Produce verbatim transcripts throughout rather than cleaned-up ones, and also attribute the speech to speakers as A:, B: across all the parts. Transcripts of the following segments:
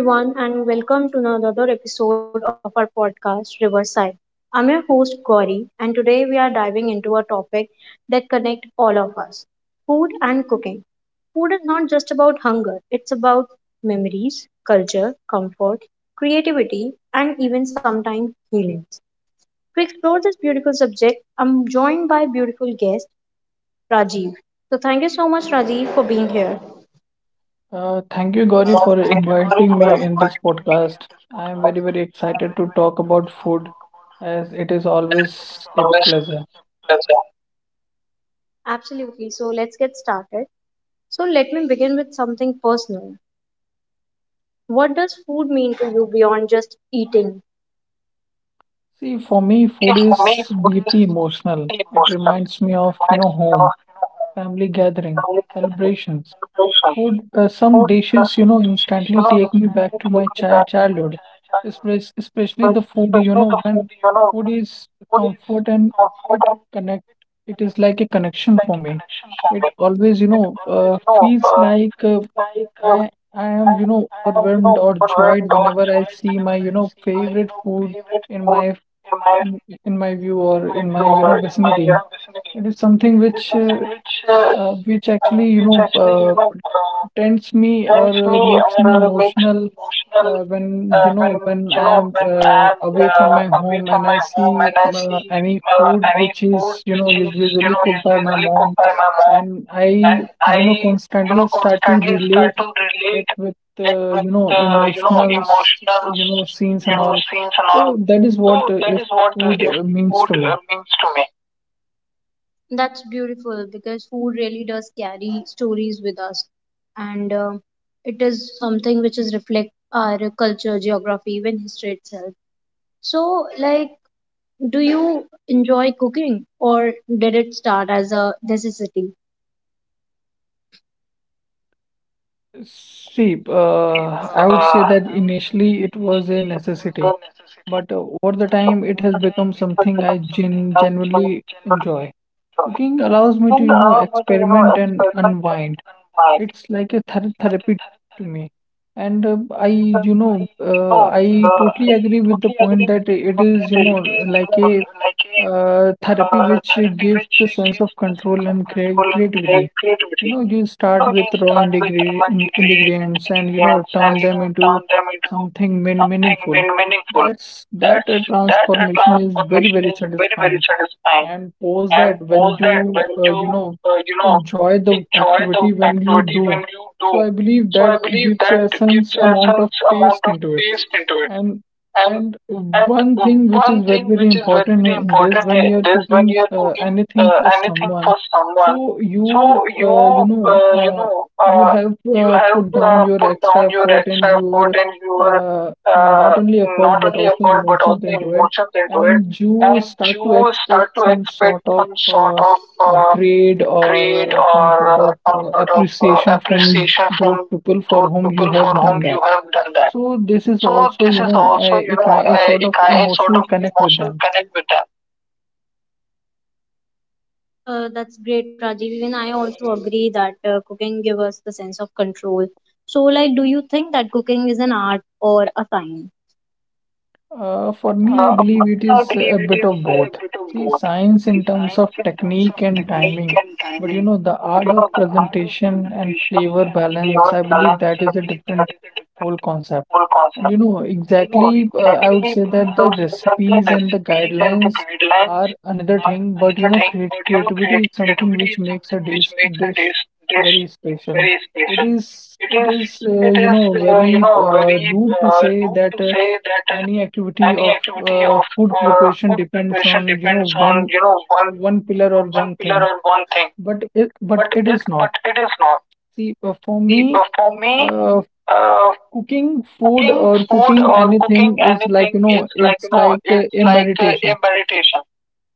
A: Hello, everyone, and welcome to another episode of our podcast, Riverside. I'm your host, Gauri, and today we are diving into a topic that connects all of us food and cooking. Food is not just about hunger, it's about memories, culture, comfort, creativity, and even sometimes healing. To explore this beautiful subject, I'm joined by beautiful guest, Rajiv. So, thank you so much, Rajiv, for being here.
B: Uh, thank you, Gauri,
A: Uh,
B: for
A: Thank you, Gauri,
B: inviting
A: for
B: me in this
A: inviting me in
B: podcast.
A: this
B: I am very,
A: podcast.
B: very
A: I am
B: excited
A: very,
B: to
A: very
B: talk
A: excited
B: about
A: to
B: food
A: talk about food,
B: as it is
A: and it is
B: always a
A: always
B: pleasure.
A: a pleasure. Absolutely. So let's get started. So let me begin with something personal. What does food mean to you beyond just eating?
B: See, for me,
A: See,
B: food
A: for me,
B: is
A: food is
B: deeply emotional.
A: deeply
B: It
A: emotional.
B: reminds me
A: It
B: of, you
A: reminds
B: know,
A: me of,
B: home,
A: you know, home,
B: family gathering,
A: family gathering,
B: celebrations.
A: celebrations.
B: Food, uh, some
A: But uh,
B: dishes, you
A: some
B: know,
A: dishes, you
B: instantly
A: know,
B: take me back
A: instantly
B: to my
A: take me
B: chi
A: back to my
B: childhood,
A: chi- childhood.
B: Espec- especially the
A: Espe-
B: food, you
A: Especially
B: know,
A: the food,
B: when
A: you know,
B: food
A: when
B: is
A: food is
B: comfort and
A: comfort
B: it
A: and
B: connect,
A: it
B: it is
A: connect,
B: like a
A: it is
B: connection
A: like
B: for
A: a
B: me.
A: connection for
B: It
A: me.
B: always, you
A: It
B: know,
A: always,
B: uh,
A: you know,
B: feels
A: uh,
B: like uh,
A: feels like uh,
B: I I
A: I,
B: am, you know,
A: I am, you
B: overwhelmed
A: know,
B: or
A: overwhelmed
B: joyed
A: or
B: whenever I
A: joyed
B: see my,
A: whenever
B: you
A: I
B: know,
A: see my, you
B: favorite
A: know,
B: food
A: favorite
B: in
A: food
B: my
A: in my
B: in in my
A: in,
B: view
A: in
B: or
A: my
B: in my,
A: view
B: you
A: or
B: know,
A: in my, you
B: vicinity.
A: know, vicinity.
B: It is something
A: It is
B: which uh,
A: something which uh,
B: uh, which
A: uh,
B: actually, you
A: which
B: know,
A: actually, you
B: uh,
A: know, uh,
B: tends me or
A: rents me
B: uh, makes
A: or
B: me
A: uh, makes me
B: emotional
A: emotional
B: uh, when,
A: uh,
B: you know,
A: when,
B: when
A: you know,
B: I'm
A: when
B: uh,
A: I'm
B: away from
A: uh,
B: my
A: away
B: home
A: from
B: and I
A: my home
B: see
A: and I
B: uh,
A: see
B: any
A: uh,
B: food
A: any
B: which
A: food
B: is, you know,
A: which
B: us-
A: is, you
B: usually
A: know,
B: cooked by my
A: usually cooked
B: mom,
A: by my mom,
B: and I,
A: and
B: you know,
A: I, you know,
B: constantly start to
A: constantly start
B: relate
A: to
B: it
A: relate
B: with,
A: it
B: uh, you
A: with
B: know,
A: uh, you know,
B: emotional s-
A: emotional,
B: you know, scenes
A: you
B: and
A: know,
B: all.
A: scenes and all.
B: So that is what,
A: So
B: uh,
A: that
B: if
A: is what, uh,
B: food
A: if
B: uh, means
A: food
B: to me.
A: uh, means to me. That's beautiful because food really does carry stories with us, and uh, it is something which is reflect our culture, geography, even history itself. So, like, do you enjoy cooking, or did it start as a necessity?
B: See,
A: See,
B: uh,
A: uh,
B: I would say that
A: I would say that
B: initially it was a
A: initially it was a
B: necessity,
A: necessity,
B: but uh, over the
A: but
B: time, it
A: over
B: has
A: the time
B: become
A: it has
B: something I
A: become something
B: gen
A: I gen-
B: genuinely enjoy.
A: generally enjoy.
B: Cooking allows me to,
A: Cooking
B: you know,
A: allows me to, you know,
B: experiment and
A: experiment and
B: unwind.
A: unwind.
B: It's like a ther
A: It's like a
B: therapy
A: ther-
B: to
A: therapy
B: me.
A: to me.
B: And uh, I,
A: And um,
B: you know,
A: I, you
B: uh,
A: know,
B: I
A: uh,
B: totally agree
A: I
B: with the
A: totally
B: point
A: agree with
B: that
A: the
B: it
A: point
B: is,
A: that
B: you know,
A: it is, you
B: like
A: know,
B: a
A: like a
B: uh, therapy
A: uh,
B: which
A: therapy
B: gives
A: which
B: the sense
A: gives
B: of
A: the sense
B: control
A: of
B: and crea
A: control and
B: creativity.
A: crea-
B: You
A: creativity.
B: know, you
A: You
B: start
A: know, you
B: with raw
A: start with
B: integri-
A: one
B: in-
A: degree,
B: ingredients and, you
A: degree
B: know,
A: and
B: turn
A: you
B: them
A: know
B: into
A: turn them into
B: something mean-
A: something
B: meaningful.
A: mean- meaningful.
B: That's that
A: That's
B: uh,
A: that uh,
B: transformation is very,
A: transformation
B: very
A: is very, very
B: satisfying,
A: satisfying.
B: and post
A: And
B: that when
A: post
B: you,
A: that when
B: uh,
A: you
B: you know,
A: uh, you know,
B: enjoy the
A: enjoy the
B: activity when you
A: activity
B: do.
A: when you
B: So
A: do.
B: I believe
A: So I
B: that
A: believe
B: gives a
A: that gives
B: sense
A: a
B: amount of
A: sense amount
B: taste
A: of
B: into it.
A: taste into it.
B: and
A: And
B: and
A: and
B: one thing which
A: one
B: is very,
A: thing
B: very
A: which is very,
B: important
A: very
B: i- in this
A: important
B: when
A: in
B: you are
A: this when
B: cooking
A: you are
B: uh,
A: cooking
B: anything
A: uh,
B: for
A: anything
B: someone,
A: for someone,
B: so
A: so
B: you, uh, you
A: you
B: know
A: uh, you
B: uh,
A: know,
B: you
A: uh,
B: have,
A: you
B: uh,
A: have
B: put down
A: uh,
B: your
A: put
B: extra
A: down your
B: effort
A: extra
B: and
A: effort
B: your,
A: and your
B: uh,
A: uh,
B: not only effort
A: not
B: but
A: only
B: also
A: effort but
B: emotions
A: also
B: into it,
A: emotions into it,
B: and you
A: and
B: start to
A: you
B: expect
A: start to
B: some sort
A: expect
B: of
A: some sort
B: uh,
A: of uh,
B: grade or
A: grade
B: uh, some
A: or
B: sort
A: uh,
B: of
A: some
B: uh,
A: sort of uh,
B: appreciation from
A: appreciation
B: those
A: from
B: people for
A: those
B: whom you
A: people for
B: have
A: whom
B: done
A: you
B: that.
A: have done that.
B: So this is
A: So
B: also,
A: this
B: you
A: is
B: know,
A: also,
B: a,
A: you
B: a
A: know,
B: kind a
A: a,
B: sort
A: a
B: of
A: kind sort
B: emotional
A: of
B: connect with
A: emotional
B: them.
A: connect with them. Uh, that's great, Rajiv. Even I also agree that uh, cooking gives us the sense of control. So, like, do you think that cooking is an art or a science?
B: Uh, for me, I
A: Uh, for
B: believe it
A: me, I
B: is a
A: believe it
B: bit
A: is
B: of
A: a
B: both.
A: bit of
B: See,
A: both.
B: science
A: See,
B: in terms of
A: science in terms of
B: technique and
A: technique
B: timing,
A: and
B: but, you
A: timing,
B: know, the
A: but
B: art
A: you
B: of
A: know, the art of
B: presentation and
A: presentation
B: flavor
A: and
B: balance,
A: flavor
B: I believe
A: balance,
B: that
A: I
B: is a
A: believe
B: different
A: that is a
B: whole
A: different
B: concept.
A: whole
B: And, you
A: concept.
B: know,
A: And you know,
B: exactly, uh, I would
A: exactly,
B: say
A: uh,
B: that
A: I
B: the
A: would say that the
B: recipes and the
A: recipes and the
B: guidelines
A: guidelines
B: are another
A: are
B: thing, but, you
A: another
B: know,
A: thing,
B: creat
A: but you know,
B: creativity is
A: creat-
B: something
A: creativity
B: which
A: is
B: makes a
A: something which
B: dish
A: makes a
B: dish
A: dish, dish
B: very special.
A: very
B: It
A: special.
B: is,
A: It
B: it
A: is,
B: is, uh,
A: it
B: you
A: is,
B: know,
A: uh, you
B: very
A: know,
B: uh,
A: very
B: rude to
A: uh,
B: say
A: rude to
B: that uh,
A: say that
B: any
A: uh,
B: activity
A: any
B: of
A: activity
B: uh,
A: of
B: food
A: uh,
B: preparation
A: food
B: depends
A: preparation
B: on, you know,
A: depends on,
B: one
A: you know, one,
B: one pillar or
A: one
B: one
A: pillar
B: thing,
A: or one thing.
B: but it, but
A: But
B: it
A: it,
B: is not.
A: but it is not.
B: See, uh, for
A: See,
B: me,
A: uh, for me,
B: uh,
A: uh,
B: cooking food
A: cooking
B: or
A: food
B: cooking
A: or cooking
B: anything is like, you
A: anything is
B: know,
A: like, you
B: it's
A: know,
B: like uh,
A: it's
B: a
A: like uh, a
B: meditation.
A: meditation.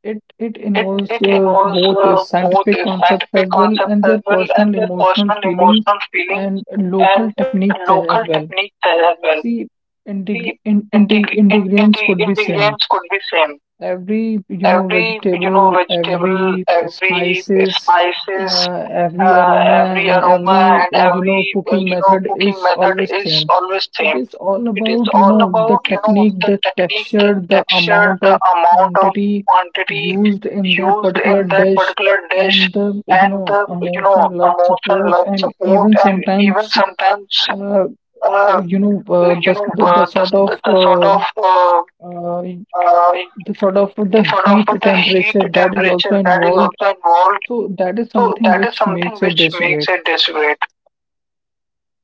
B: It it
A: It Right.
B: involves
A: it
B: uh,
A: involves
B: both uh,
A: uh, both
B: scientific
A: a
B: concepts as
A: scientific
B: well
A: concept
B: and
A: as
B: their
A: well and
B: personal
A: their
B: emotional
A: personal
B: feelings
A: emotional feelings
B: and local
A: and
B: techniques
A: local
B: a- as
A: techniques
B: well.
A: as well.
B: See,
A: See,
B: integ in,
A: integ-
B: integ
A: in, integ-
B: ingredients could be
A: ingredients
B: same,
A: could be same,
B: every, you know,
A: every, you know,
B: vegetable,
A: vegetable,
B: every
A: every
B: spices,
A: spices,
B: uh, every
A: uh,
B: aroma,
A: every
B: and
A: aroma,
B: every,
A: and
B: uh, you know,
A: every uh,
B: cooking
A: you know,
B: method
A: cooking
B: is
A: method
B: always
A: is
B: same.
A: always
B: It
A: same.
B: is all
A: It is
B: about, you
A: all
B: know, the
A: about, you know,
B: technique,
A: the
B: the
A: technique, the
B: texture, the
A: texture,
B: amount
A: the
B: of
A: amount of
B: quantity
A: quantity
B: used in that
A: used
B: particular
A: in that
B: dish,
A: particular dish,
B: and the, you
A: and
B: know,
A: the, you know,
B: emotion, love,
A: emotion,
B: support,
A: love,
B: and
A: support,
B: even
A: and even
B: sometimes,
A: sometimes
B: uh,
A: uh,
B: you know uh,
A: you
B: the,
A: know,
B: the the
A: uh, the
B: sort of
A: the sort
B: uh,
A: of uh,
B: uh,
A: uh,
B: the sort of the
A: the sort
B: heat
A: of the heat
B: temperature that is also
A: temperature that is
B: involved.
A: also involved.
B: So that is
A: So
B: something
A: that is
B: which makes
A: something
B: it
A: which
B: dish.
A: makes it desperate.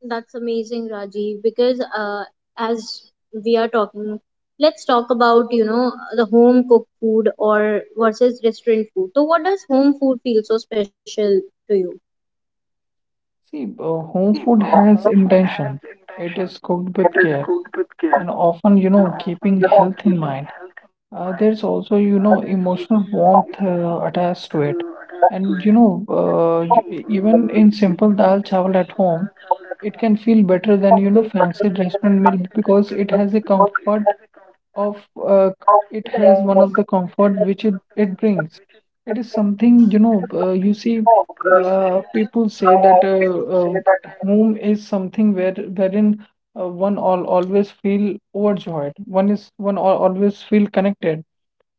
A: That's amazing, Rajiv, because uh, as we are talking, let's talk about, you know, the home cooked food or versus restaurant food. So what does home food feel so special to you?
B: See, uh, home
A: See,
B: food
A: uh,
B: has
A: home food has
B: intention. It
A: intention.
B: is cooked
A: It
B: with
A: is
B: care
A: cooked with care
B: and often, you
A: and
B: know,
A: often,
B: keeping
A: you know,
B: health in
A: keeping
B: mind.
A: health in mind.
B: Uh, there's also,
A: Uh,
B: you
A: this
B: know, emotional warmth uh, attached to it. And, you know, uh, y- even in simple dal chawal at home, it can feel better than, you know, fancy restaurant meal because it has a comfort of, uh, it has one of the comfort which it, it brings. It is something, you know, uh, you
A: You
B: see,
A: know, uh,
B: uh,
A: since
B: people say
A: uh,
B: that uh,
A: people say that
B: uh,
A: uh,
B: home is something where wherein uh, one all always feel overjoyed. One is one al always feel connected.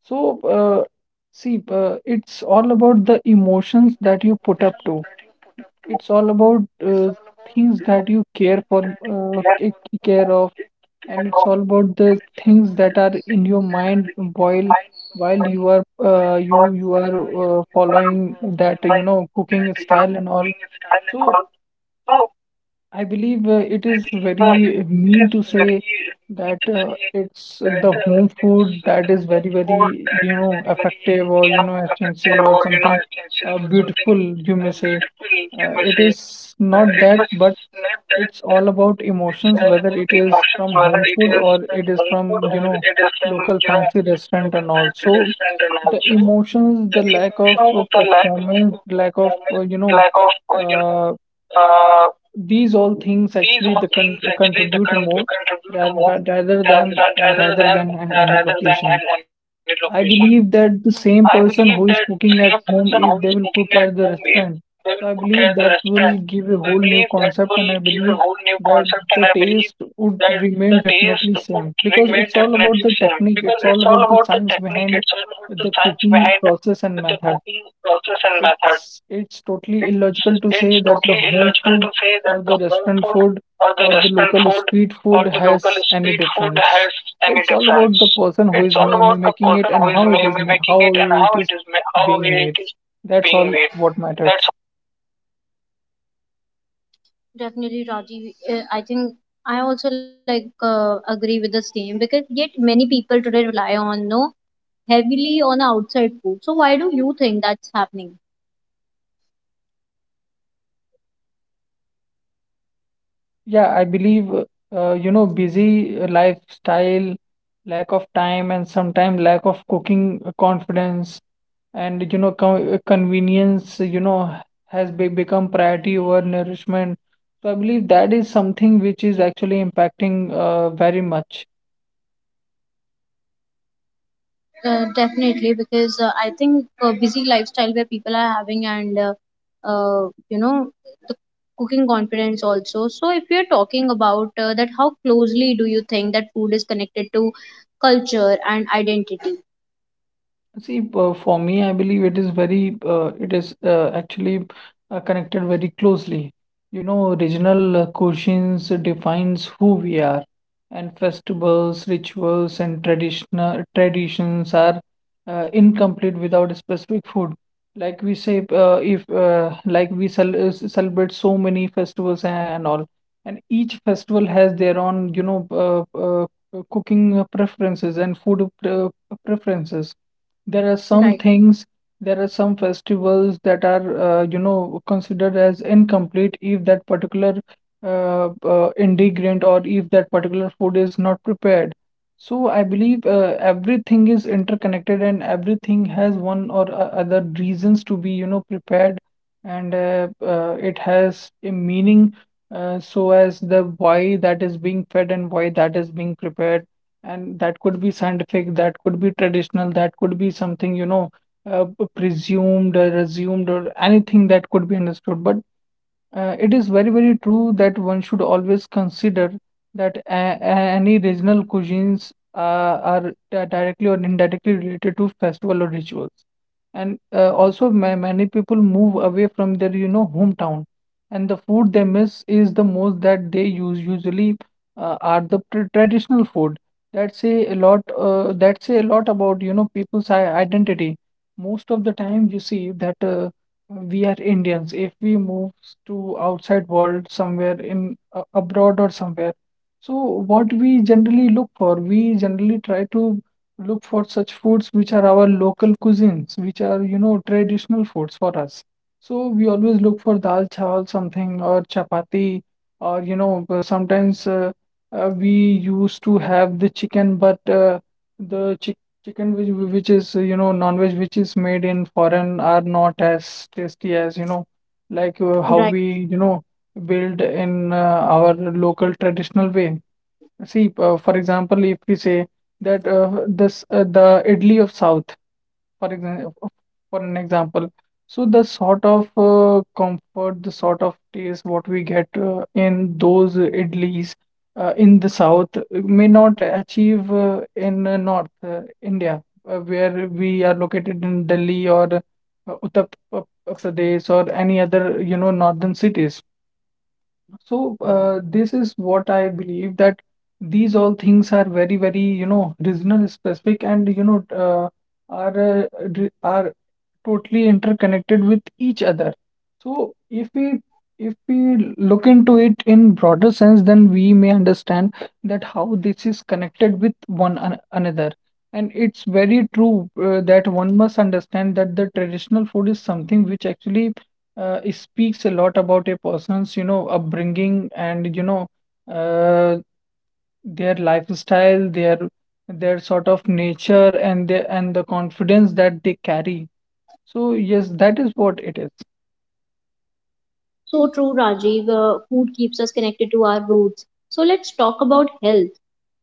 B: So, uh, see, uh, it's all about the
A: it's all about
B: emotions
A: the
B: that you put up
A: emotions
B: to.
A: that you put up to,
B: It's all about
A: it's
B: uh,
A: all about
B: things
A: uh,
B: that you care
A: things
B: for,
A: that you
B: uh,
A: care
B: ca-
A: for,
B: care
A: uh,
B: of,
A: take care
B: and
A: of,
B: it's all about
A: and
B: the
A: it's all
B: things
A: about the
B: that are in
A: things
B: your
A: that are
B: mind
A: in your
B: while
A: mind
B: while
A: while
B: you are,
A: while
B: uh,
A: you
B: you
A: are
B: you are,
A: uh, you
B: uh,
A: you are uh,
B: following that, you know,
A: following that,
B: cooking
A: you know,
B: style and all.
A: cooking style and
B: So
A: all. So
B: I believe uh, it
A: I
B: is
A: believe uh, it
B: very
A: is
B: mean to
A: very
B: say
A: mean to
B: that,
A: say
B: uh, it's
A: that
B: the
A: uh,
B: home
A: it's
B: food
A: the
B: that is
A: home
B: very,
A: food that
B: very,
A: is
B: you
A: very,
B: know,
A: very,
B: effective
A: you know,
B: or, you know,
A: effective
B: essential
A: or,
B: or
A: you know,
B: something,
A: essential
B: uh,
A: or something
B: beautiful, you
A: uh,
B: may say.
A: beautiful, you
B: Uh,
A: may
B: it
A: say.
B: is
A: Uh,
B: not
A: it
B: that,
A: is
B: but
A: not that,
B: it's
A: but
B: all about
A: it's
B: emotions,
A: all
B: whether
A: about
B: it is
A: emotions,
B: from
A: whether
B: home
A: it
B: food
A: is
B: or
A: from
B: it is
A: home food
B: from, you
A: or
B: know,
A: it is from,
B: local
A: you know,
B: fancy restaurant
A: local
B: and all.
A: fancy
B: So
A: restaurant and
B: the
A: also
B: emotions, the
A: the
B: lack of,
A: emotion,
B: uh,
A: the lack of
B: performance, lack of, uh,
A: performance,
B: you know,
A: lack of, uh, you know,
B: uh,
A: uh,
B: these all things
A: these
B: actually
A: all
B: the con
A: things actually the
B: contribute
A: con-
B: more,
A: contribute more
B: rather rather
A: than,
B: than, uh,
A: rather
B: rather
A: than
B: than an-
A: uh,
B: any
A: rather than
B: location.
A: I'm on a location.
B: I believe
A: Right.
B: that the
A: I
B: same
A: believe that
B: person who
A: the
B: is
A: same
B: cooking at
A: person who
B: home,
A: is
B: if they
A: cooking
B: will
A: at
B: cook
A: home,
B: at the
A: if they will
B: restaurant,
A: cook at the
B: so I believe
A: restaurant,
B: that
A: so I
B: will give
A: believe
B: a
A: that
B: whole new
A: will give
B: concept,
A: a
B: and I
A: whole new
B: believe
A: concept, and I
B: that
A: believe
B: the taste
A: that
B: would
A: the
B: remain
A: taste would
B: definitely same
A: remain
B: because it's
A: definitely
B: all about
A: same
B: the
A: because
B: technique,
A: it's
B: it's
A: all
B: all
A: about
B: about
A: the
B: the science
A: technique, it's all
B: behind
A: about the science
B: the
A: behind
B: cooking
A: the
B: process and method.
A: cooking process and method.
B: It's it's
A: It,
B: totally illogical to
A: it's
B: say that
A: totally
B: the home
A: illogical to
B: food
A: say that
B: or
A: the
B: the
A: home
B: restaurant
A: food
B: food
A: or the
B: or the
A: restaurant
B: local
A: food
B: street
A: or
B: food
A: the local
B: has any
A: street food
B: difference.
A: has any
B: It's all
A: difference.
B: about the person who
A: It's
B: is
A: all
B: ma ma-
A: about the
B: making it
A: person
B: and
A: who is
B: how it
A: ma-
B: is
A: ma-
B: ma
A: making
B: how
A: it and
B: it
A: how
B: is
A: it is ma- how
B: being
A: it
B: made.
A: is
B: That's all
A: being made.
B: what matters.
A: That's Definitely, Rajiv. Uh, I think I also, like, uh, agree with the same because yet many people today rely on no heavily on outside food. So why do you think that's happening?
B: Yeah, I believe uh, uh, you know, busy lifestyle, lack of time, and sometimes lack of cooking confidence and, you know, co- convenience, you know, has be- become priority over nourishment. So I believe that is something which is actually impacting uh, very much.
A: Uh, definitely, because uh, I think uh, busy lifestyle where people are having and uh, uh, you know, the cooking confidence also. So if you're talking about uh, that, how closely do you think that food is connected to culture and identity?
B: See, p- for me, I believe it is very, uh, it is, uh, actually uh, connected very closely. You know, regional uh, cuisines defines who we are, and festivals, rituals, and traditional traditions are uh, incomplete without a specific food. Like we say, uh, if uh, like we cel uh, celebrate so many festivals and all, and each festival has their own, you know, uh, uh, cooking preferences and food pre preferences. There are some
A: Right,
B: things, there are some festivals that are, uh, you know, considered as incomplete if that particular uh, uh, ingredient or if that particular food is not prepared. So I believe uh, everything is interconnected and everything has one or o- other reasons to be, you know, prepared, and uh, uh, it has a meaning, uh, so as the why that is being fed and why that is being prepared, and that could be scientific, that could be traditional, that could be something, you know, uh, p- presumed or assumed or anything that could be understood. But uh, it is very, very true that one should always consider that a a- any regional cuisines uh, are di- directly or indirectly related to festival or rituals. And uh, also, ma many people move away from their, you know, hometown, and the food they miss is the most that they use usually uh, are the tr traditional food. That say a lot. Uh, that say a lot about, you know, people's i- identity. Most of the time, you see that. Uh, we are Indians. If we move to outside world somewhere in a- abroad or somewhere, so what we generally look for, we generally try to look for such foods which are our local cuisines, which are, you know, traditional foods for us. So we always look for dal chawal something or chapati or, you know, uh, sometimes uh, uh, we used to have the chicken, but uh, the chicken which which is, you know, non-veg, which is made in foreign are not as tasty as, you know, like, uh, how we, you
A: right.
B: know, build in uh, our local traditional way. See, uh, for example, if we say that, uh, this uh, the idli of South, for example for an example, so the sort of uh, comfort, the sort of taste what we get uh, in those idlis uh, in the south may not achieve uh, in uh, north uh, India, uh, where we are located in Delhi or uh, Uttar P- P- Pradesh or any other, you know, northern cities. So, uh, this is what I believe, that these all things are very, very, you know, regional specific, and, you know, uh, are, uh, re- are totally interconnected with each other. So, if we if we look into it in broader sense, then we may understand that how this is connected with one an another. And it's very true uh, that one must understand that the traditional food is something which actually uh, it speaks a lot about a person's you know upbringing and you know uh, their lifestyle their their sort of nature and the and the confidence that they carry. So yes, that is what it is.
A: So true, Rajiv. Uh, food keeps us connected to our roots. So let's talk about health,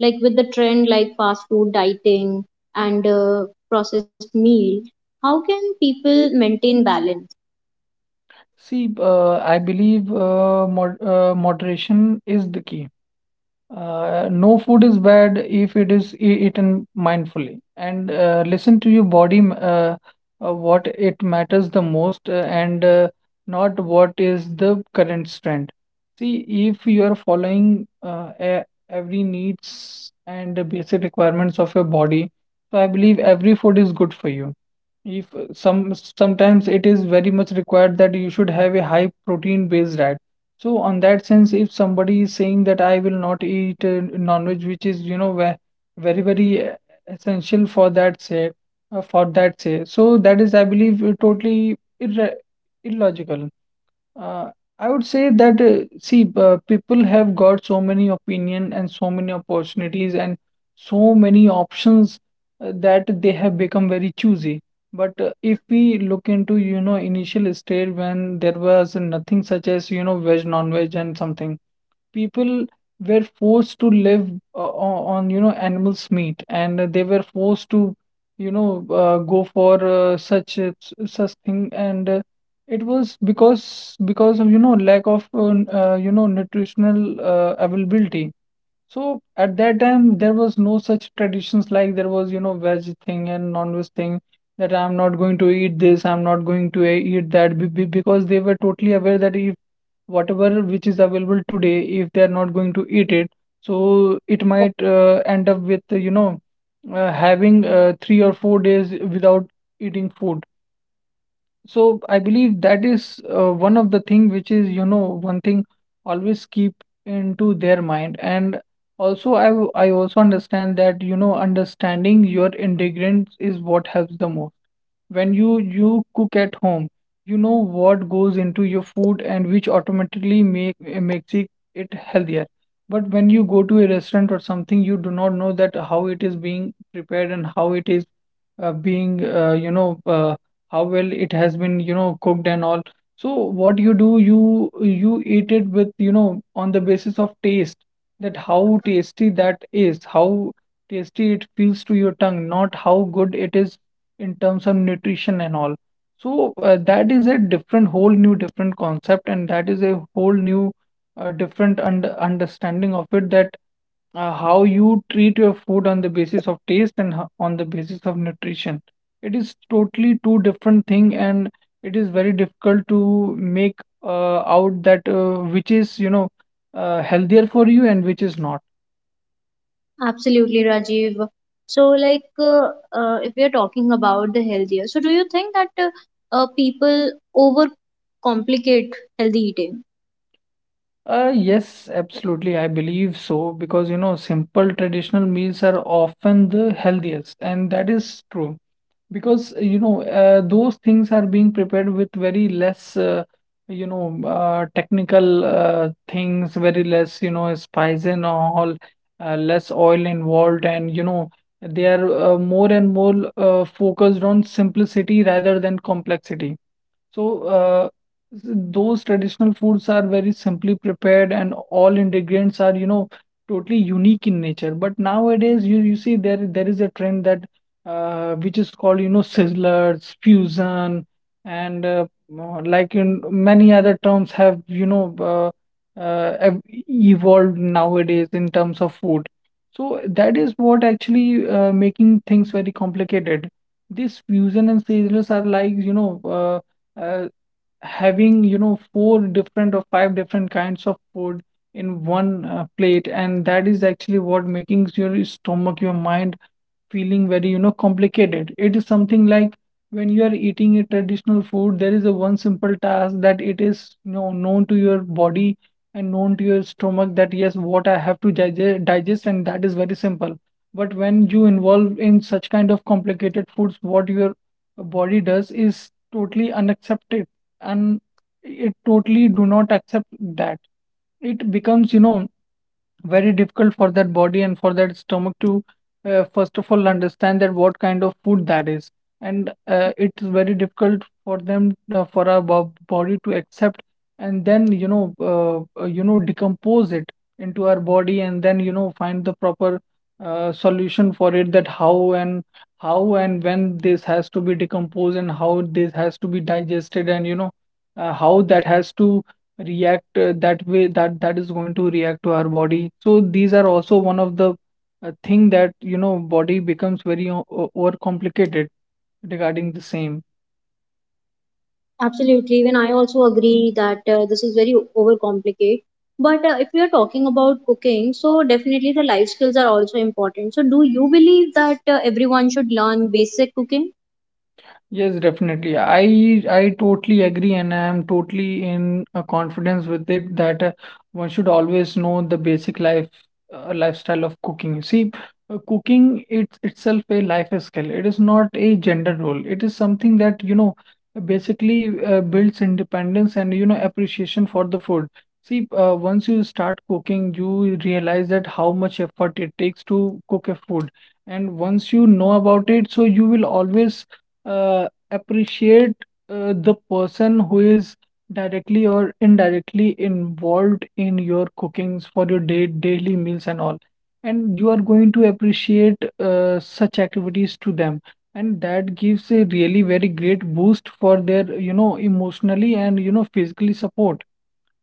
A: like with the trend like fast food dieting and uh, processed meal. How can people maintain balance?
B: See, uh, I believe uh, mod uh, moderation is the key. Uh, no food is bad if it is e- eaten mindfully, and uh, listen to your body, m- uh, uh, what it matters the most, uh, and uh, not what is the current trend. See, if you are following uh, e- every needs and the basic requirements of your body, so I believe every food is good for you. If uh, some sometimes it is very much required that you should have a high protein based diet. So on that sense, if somebody is saying that I will not eat uh, non-veg, which is you know ve- very very uh, essential for that say, uh, for that say, so that is I believe uh, totally irre illogical. Uh, I would say that uh, see, uh, people have got so many opinion and so many opportunities and so many options, uh, that they have become very choosy. But uh, if we look into, you know, initial state when there was nothing such as, you know, veg, non-veg and something, people were forced to live uh, o- on, you know, animals meat, and they were forced to, you know, uh, go for uh, such a- such thing, and uh, it was because because of, you know, lack of uh, n- uh, you know, nutritional uh, availability. So at that time, there was no such traditions like there was, you know, veg thing and non-veg thing, that I'm not going to eat this, I'm not going to e- eat that, be- be- because they were totally aware that if whatever which is available today, if they're not going to eat it, so it might uh, end up with, you know, uh, having uh, three or four days without eating food. So I believe that is uh, one of the thing which is, you know, one thing always keep into their mind. And also I w- I also understand that, you know, understanding your integrants is what helps the most. When you you cook at home, you know what goes into your food, and which automatically make makes it it healthier. But when you go to a restaurant or something, you do not know that how it is being prepared and how it is uh, being, uh, you know uh, how well it has been, you know, cooked and all. So what you do, you you eat it with, you know, on the basis of taste, that how tasty that is, how tasty it feels to your tongue, not how good it is in terms of nutrition and all. So uh, that is a different, whole new different concept, and that is a whole new, uh, different und understanding of it, that uh, how you treat your food on the basis of taste and ho- on the basis of nutrition. It is totally two different thing, and it is very difficult to make uh, out that uh, which is, you know, uh, healthier for you and which is not.
A: Absolutely, Rajiv. So, like, uh, uh, if we are talking about the healthier, so do you think that uh, uh, people overcomplicate healthy eating?
B: Uh, yes, absolutely. I believe so, because you know, simple traditional meals are often the healthiest, and that is true, because you know, uh, those things are being prepared with very less, uh, you know, uh, technical uh, things, very less, you know, spice and all, uh, less oil involved, and you know, they are uh, more and more uh, focused on simplicity rather than complexity. So, uh, s- those traditional foods are very simply prepared and all ingredients are, you know, totally unique in nature. But nowadays, you, you see there there is a trend that, uh, which is called, you know, sizzlers, fusion, and uh, uh, like in many other terms have, you know, uh, uh, ev- evolved nowadays in terms of food. So that is what actually uh, making things very complicated. This fusion and sizzlers are like, you know, uh, uh, having, you know, four different or five different kinds of food in one uh, plate, and that is actually what making your stomach, your mind feeling very, you know, complicated. It is something like, when you are eating a traditional food, there is a one simple task, that it is, you know, known to your body and known to your stomach, that yes, what I have to digest, digest, and that is very simple. But when you involve in such kind of complicated foods, what your body does is totally unaccepted, and it totally do not accept that. It becomes, you know, very difficult for that body and for that stomach to, uh, first of all, understand that what kind of food that is. And uh, it's very difficult for them, uh, for our bo- body to accept, and then you know, uh, uh, you know, decompose it into our body, and then you know, find the proper uh, solution for it, that how and how and when this has to be decomposed, and how this has to be digested, and you know, uh, how that has to react, uh, that way that that is going to react to our body. So these are also one of the uh, thing that, you know, body becomes very o- o- overcomplicated regarding the same.
A: Absolutely. Even I also agree that uh, this is very overcomplicated. But uh, if we are talking about cooking, so definitely the life skills are also important. So, do you believe that uh, everyone should learn basic cooking?
B: Yes, definitely. I I totally agree, and I am totally in a confidence with it that uh, one should always know the basic life, uh, lifestyle of cooking. See, uh, cooking it's itself a life skill. It is not a gender role. It is something that, you know, basically uh, builds independence and, you know, appreciation for the food. See, uh, once you start cooking, you realize that how much effort it takes to cook a food, and once you know about it, so you will always uh, appreciate uh, the person who is directly or indirectly involved in your cookings for your day daily meals and all, and you are going to appreciate uh, such activities to them, and that gives a really very great boost for their, you know, emotionally and, you know, physically support.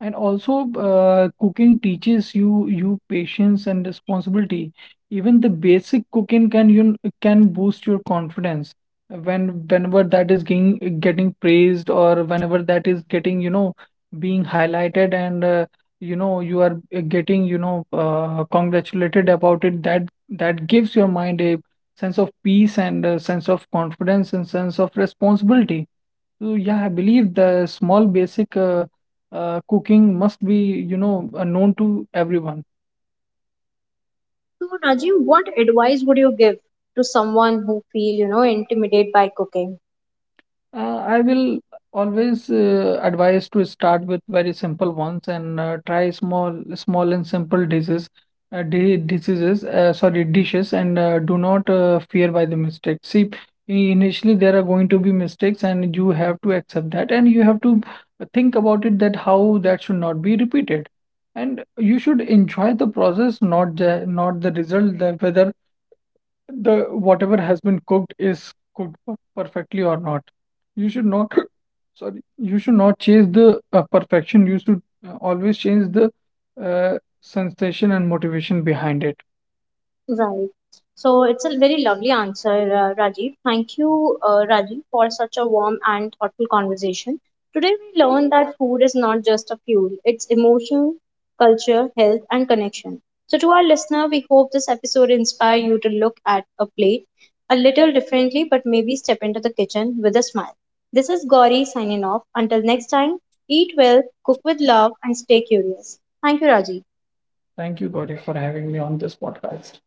B: And also, uh, cooking teaches you you patience and responsibility. Even the basic cooking can you can boost your confidence when, whenever that is getting getting praised, or whenever that is getting, you know, being highlighted, and uh, you know, you are, uh, getting, you know, uh, congratulated about it. That that gives your mind a sense of peace and a sense of confidence and sense of responsibility. So yeah, I believe the small basic uh, uh, cooking must be, you know, uh, known to everyone.
A: So, Rajiv, what advice would you give to someone who feel, you know, intimidated by cooking?
B: Uh, I will always uh, advise to start with very simple ones, and uh, try small, small and simple diseases, uh, di diseases. Uh, sorry, dishes. And uh, do not uh, fear by the mistakes. See, i- initially there are going to be mistakes, and you have to accept that, and you have to think about it that how that should not be repeated, and you should enjoy the process, not the not the result. That whether the whatever has been cooked is cooked per- perfectly or not, you should not sorry, you should not chase the uh, perfection. You should uh, always change the uh, sensation and motivation behind it.
A: Right. So it's a very lovely answer, uh, Rajiv. Thank you, uh, Rajiv, for such a warm and thoughtful conversation. Today we learned that food is not just a fuel, it's emotion, culture, health, and connection. So to our listener, we hope this episode inspire you to look at a plate a little differently, but maybe step into the kitchen with a smile. This is Gauri signing off. Until next time, eat well, cook with love, and stay curious. Thank you, Rajiv.
B: Thank you, Gauri, for having me on this podcast.